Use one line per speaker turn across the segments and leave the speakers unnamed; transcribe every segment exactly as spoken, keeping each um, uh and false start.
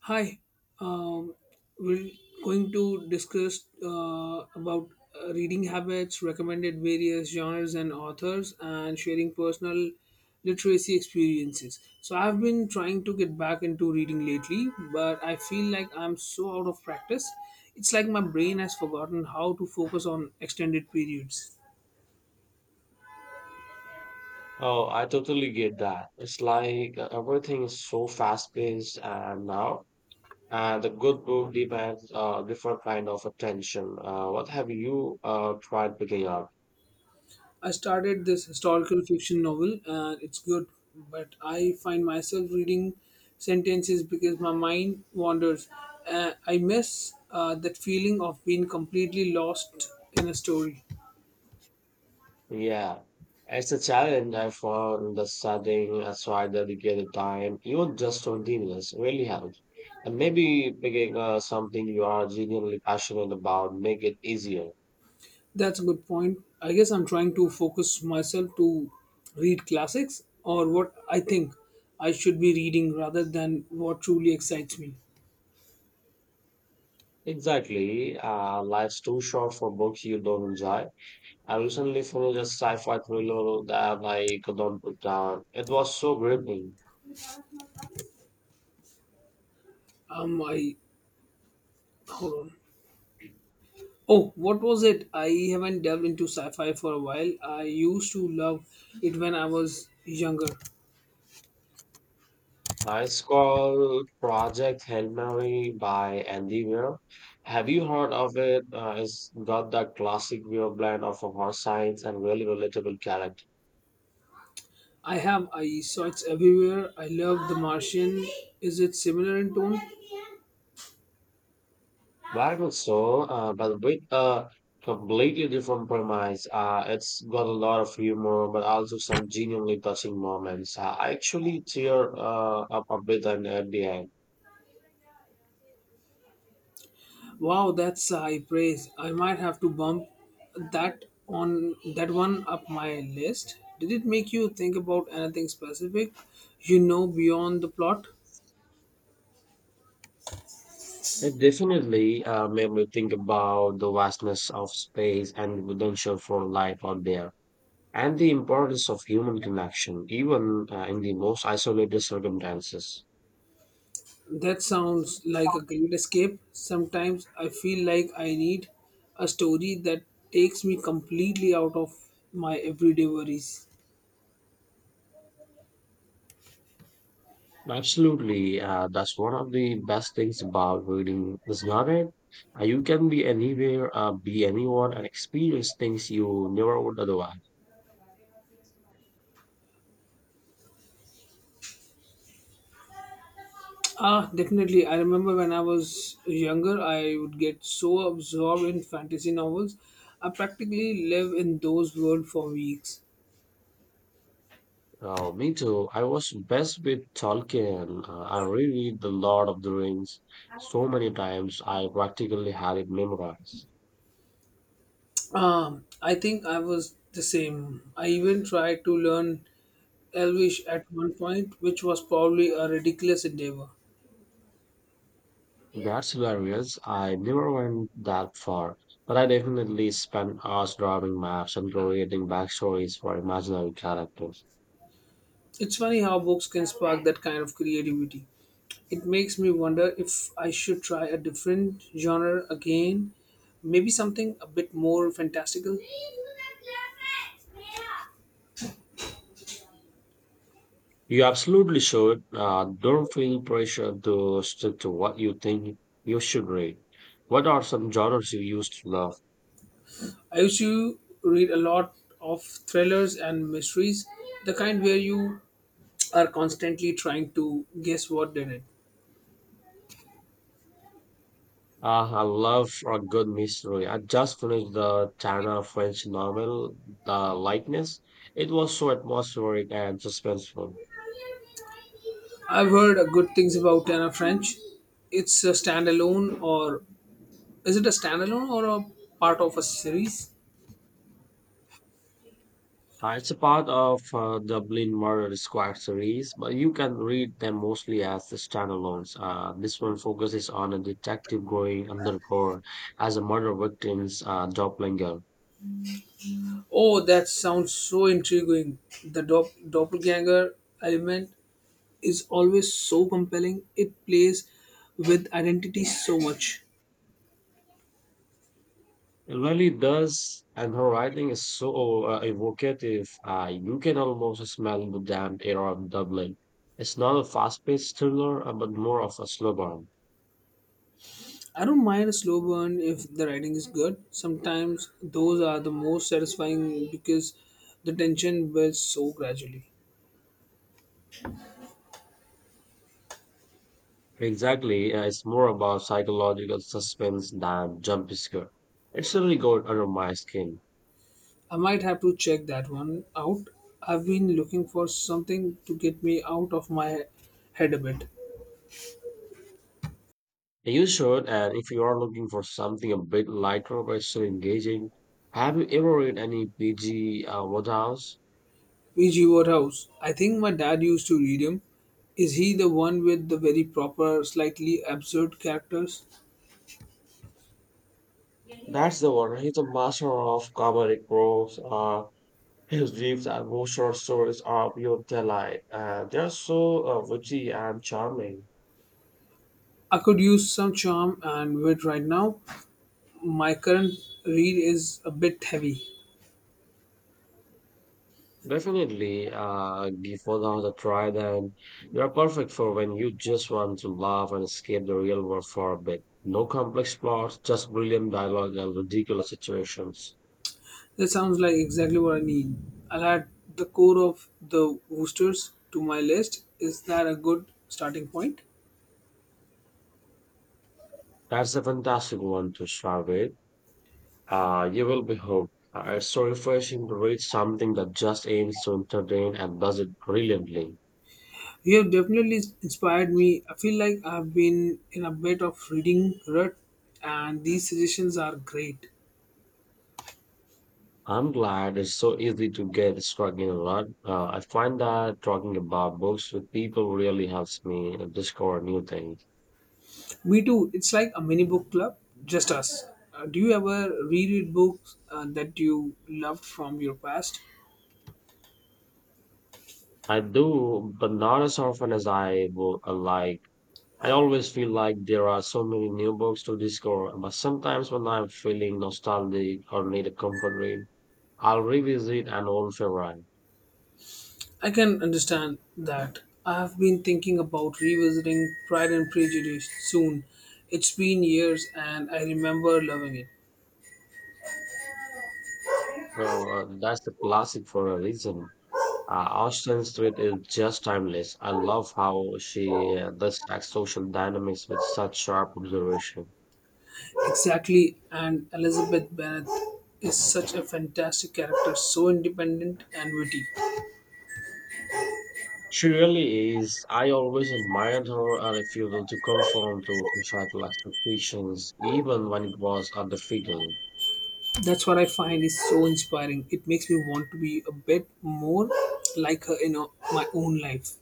Hi, um, we're going to discuss uh, about uh, reading habits, recommended various genres and authors, and sharing personal literacy experiences. So, I've been trying to get back into reading lately, but I feel like I'm so out of practice. It's like my brain has forgotten how to focus on extended periods.
Oh, I totally get that. It's like uh, everything is so fast-paced uh, now, and the good book demands a different kind of attention. Uh, what have you uh, tried picking up?
I started this historical fiction novel and it's good, but I find myself reading sentences because my mind wanders. Uh, I miss uh, that feeling of being completely lost in a story.
Yeah, it's a challenge I found in the studying, uh, so I dedicated time, even just twenty minutes, really helps. And maybe picking uh, something you are genuinely passionate about make it easier.
That's a good point. I guess I'm trying to focus myself to read classics or what I think I should be reading rather than what truly excites me.
Exactly. Uh, life's too short for books you don't enjoy. I recently finished a sci-fi thriller that I could not put down. It was so gripping.
Um, I hold on. Oh, what was it? I haven't delved into sci-fi for a while. I used to love it when I was younger.
Uh, It's called Project Hail Mary by Andy Weir. Have you heard of it? Uh, it's got that classic Weir blend of horror science and really relatable character.
I have. I saw it's everywhere. I love The Martian. Is it similar in tone?
Very much so, uh, but with a completely different premise. Uh, it's got a lot of humor, but also some genuinely touching moments. Uh, I actually tear uh, up a bit at the end.
Wow, that's a high praise. I might have to bump that on that one up my list. Did it make you think about anything specific? You know, beyond the plot.
It definitely uh, made me think about the vastness of space and the potential for life out there, and the importance of human connection, even uh, in the most isolated circumstances.
That sounds like a great escape. Sometimes I feel like I need a story that takes me completely out of my everyday worries.
Absolutely, uh, that's one of the best things about reading, is not it? Uh, you can be anywhere, uh, be anyone, and experience things you never would otherwise.
Ah, definitely. I remember when I was younger, I would get so absorbed in fantasy novels. I practically live in those worlds for weeks.
Oh, me too. I was best with Tolkien. Uh, I reread The Lord of the Rings so many times, I practically had it memorized.
Um, I think I was the same. I even tried to learn Elvish at one point, which was probably a ridiculous endeavor.
That's hilarious. I never went that far, but I definitely spent hours drawing maps and creating backstories for imaginary characters.
It's funny how books can spark that kind of creativity. It makes me wonder if I should try a different genre again, maybe something a bit more fantastical.
You absolutely should. Uh, don't feel pressure to stick to what you think you should read. What are some genres you used to love?
I used to read a lot of thrillers and mysteries, the kind where you are constantly trying to guess what did it.
Ah, I love a good mystery. I just finished the China French novel, The Likeness. It was so atmospheric and suspenseful.
I've heard uh, good things about Tana French. It's a standalone or Is it a standalone or a part of a series?
Uh, it's a part of uh, Dublin Murder Squad series, but you can read them mostly as the standalones. Uh, this one focuses on a detective going undercover as a murder victim's uh, doppelganger.
Oh, that sounds so intriguing. The dop- doppelganger element is always so compelling. It plays with identity so much.
It really does, and her writing is so uh, evocative. Uh, you can almost smell the damp air of Dublin. It's not a fast-paced thriller, uh, but more of a slow burn.
I don't mind a slow burn if the writing is good. Sometimes those are the most satisfying because the tension builds so gradually.
Exactly, uh, it's more about psychological suspense than jump scare. It's really got under my skin.
I might have to check that one out. I've been looking for something to get me out of my head a bit.
You should, and if you are looking for something a bit lighter but still engaging, have you ever read any B G. Uh, Wodehouse?
P G. Wodehouse. I think my dad used to read him. Is he the one with the very proper, slightly absurd characters?
That's the one. He's a master of comedic prose. Uh, His dreams and ghost short stories are pure delight. Uh, they're so uh, witty and charming.
I could use some charm and wit right now. My current read is a bit heavy.
Definitely, uh, give Fallout a try, then you're perfect for when you just want to laugh and escape the real world for a bit. No complex plots, just brilliant dialogue and ridiculous situations.
That sounds like exactly what I need. I'll add the core of the Woosters to my list. Is that a good starting point?
That's a fantastic one to start with. Uh, you will be hooked. Uh, it's so refreshing to read something that just aims to entertain and does it brilliantly.
You have definitely inspired me. I feel like I've been in a bit of reading rut, and these suggestions are great.
I'm glad it's so easy to get stuck in a rut. Uh, I find that talking about books with people really helps me discover new things.
Me too. It's like a mini book club, just us. Uh, do you ever reread books uh, that you loved from your past?
I do, but not as often as I would uh, like. I always feel like there are so many new books to discover, but sometimes when I'm feeling nostalgic or need a comfort read, I'll revisit an old favorite.
I can understand that. I have been thinking about revisiting Pride and Prejudice soon. It's been years and I remember loving it.
So, Uh, that's a classic for a reason. Uh, Austin Street is just timeless. I love how she uh, dissects social dynamics with such sharp observation.
Exactly, and Elizabeth Bennet is such a fantastic character, so independent and witty.
She really is. I always admired her uh, refusal to conform to societal expectations, even when it was a defeating.
That's what I find is so inspiring. It makes me want to be a bit more like her in uh, my own life.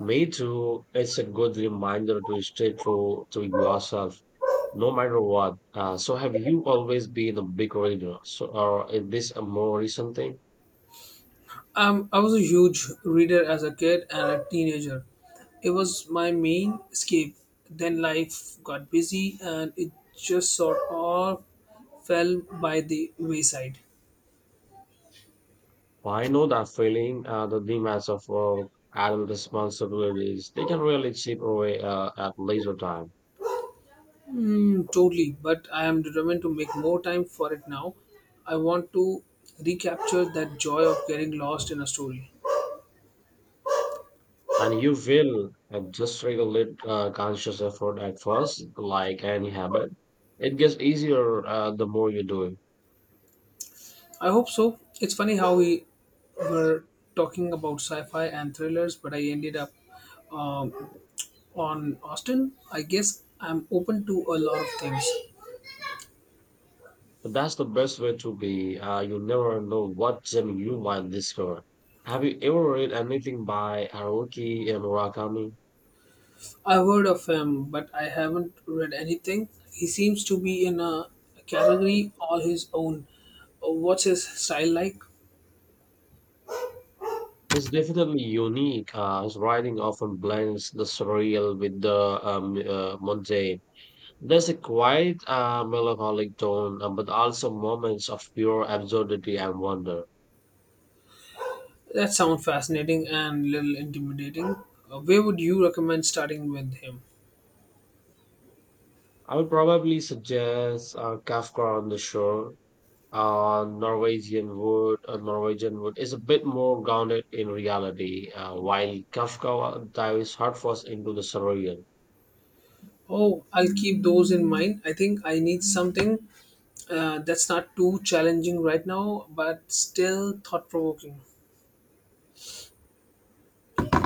Me too. It's a good reminder to stay true to yourself, no matter what. Uh, so, have you always been a big reader, so, or is this a more recent thing?
Um, I was a huge reader as a kid and a teenager. It was my main escape. Then life got busy and it just sort of fell by the wayside.
Well, I know that feeling, uh, the demands of work and responsibilities, they can really chip away uh, at leisure time.
Mm, totally, but I am determined to make more time for it now. I want to recapture that joy of getting lost in a story.
And you will uh, just regulate uh, conscious effort at first, like any habit. It gets easier uh, the more you do it.
I hope so. It's funny how we were talking about sci fi and thrillers, but I ended up um, on Austin, I guess I'm open to a lot of things.
But that's the best way to be. Uh, you never know what gem you might discover. Have you ever read anything by Haruki Murakami?
I've heard of him, but I haven't read anything. He seems to be in a category all his own. Uh, What's his style like?
It's definitely unique, uh, his writing often blends the surreal with the um, uh, mundane. There's a quiet, uh, melancholic tone, uh, but also moments of pure absurdity and wonder.
That sounds fascinating and a little intimidating. Uh, Where would you recommend starting with him?
I would probably suggest uh, Kafka on the Shore, uh, Norwegian Wood. Uh, Norwegian Wood is a bit more grounded in reality, uh, while Kafka dives headfirst into the surreal.
Oh, I'll keep those in mind. I think I need something uh, that's not too challenging right now, but still thought provoking.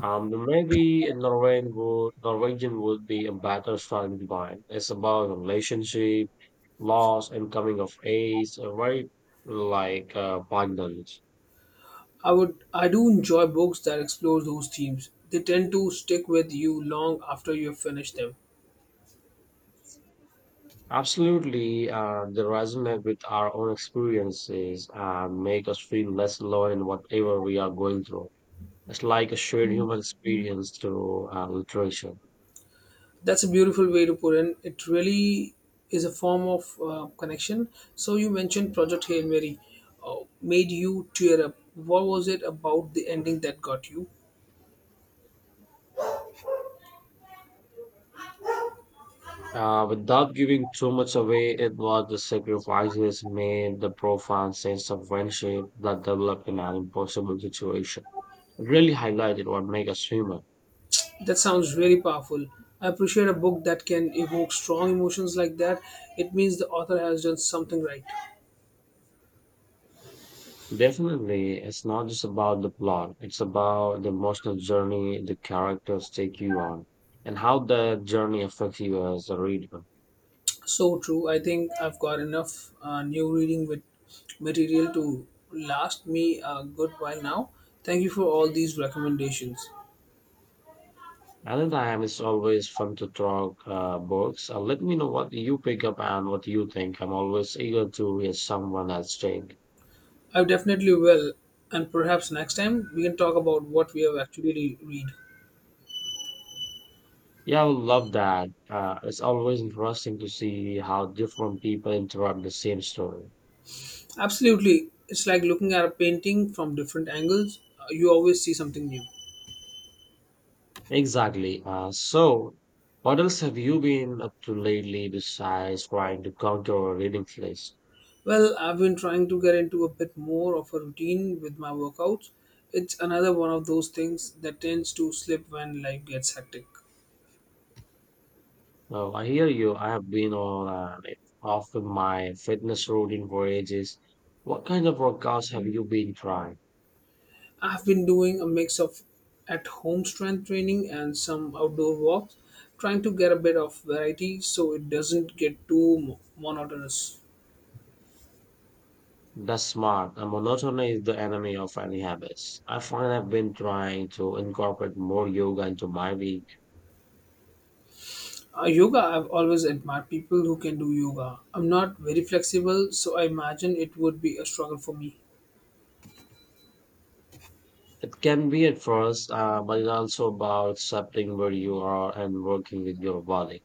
Um, maybe in Norwegian would, Norwegian would be a better starting point. It's about relationship, loss, and coming of age, a very like uh, abundance.
I would I do enjoy books that explore those themes. They tend to stick with you long after you have finished them.
Absolutely, uh, they resonate with our own experiences and make us feel less alone in whatever we are going through. It's like a shared human experience through uh, literature.
That's a beautiful way to put in. It really is a form of uh, connection. So you mentioned Project Hail Mary uh, made you tear up. What was it about the ending that got you?
Uh, without giving too much away, it was the sacrifices made, the profound sense of friendship that developed in an impossible situation. It really highlighted what makes us human.
That sounds really powerful. I appreciate a book that can evoke strong emotions like that. It means the author has done something right.
Definitely, it's not just about the plot, it's about the emotional journey the characters take you on and how that journey affects you as a reader.
So true. I think I've got enough uh, new reading with material to last me a good while now. Thank you for all these recommendations.
Another time, it's always fun to talk uh, books. Uh, let me know what you pick up and what you think. I'm always eager to hear someone else's take.
I definitely will, and perhaps next time we can talk about what we have actually re- read.
Yeah, I would love that. Uh, it's always interesting to see how different people interpret the same story.
Absolutely, it's like looking at a painting from different angles. Uh, you always see something new.
Exactly. Uh, so, what else have you been up to lately besides trying to counter a reading list?
Well, I've been trying to get into a bit more of a routine with my workouts. It's another one of those things that tends to slip when life gets hectic.
Oh, I hear you. I have been on and off of my fitness routine for ages. What kind of workouts have you been trying?
I've been doing a mix of at home strength training and some outdoor walks, trying to get a bit of variety so it doesn't get too mo- monotonous.
That's smart. And monotony is the enemy of any habits. I find I've been trying to incorporate more yoga into my week.
Uh, yoga, I've always admired people who can do yoga. I'm not very flexible, so I imagine it would be a struggle for me.
It can be at first, uh, but it's also about accepting where you are and working with your body.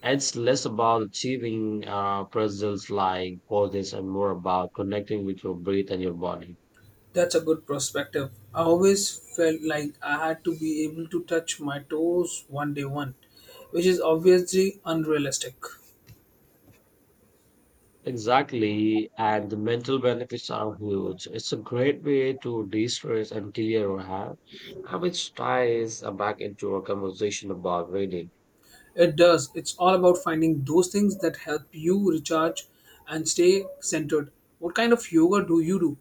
It's less about achieving uh, presence like poses and more about connecting with your breath and your body.
That's a good perspective. I always felt like I had to be able to touch my toes one day one, which is obviously unrealistic.
Exactly, and the mental benefits are huge. It's a great way to de stress and clear your head, and which ties uh, back into our conversation about reading.
It does. It's all about finding those things that help you recharge and stay centered. What kind of yoga do you do?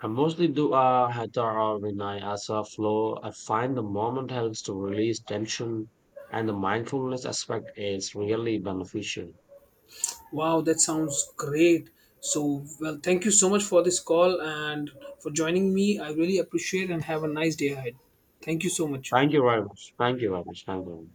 I mostly do a hatha or vinaya as a flow. I find the moment helps to release tension, and the mindfulness aspect is really beneficial.
Wow, that sounds great. So, well, thank you so much for this call and for joining me. I really appreciate and have a nice day ahead. Thank you so much.
Thank you very much. Thank you very much. Thank you.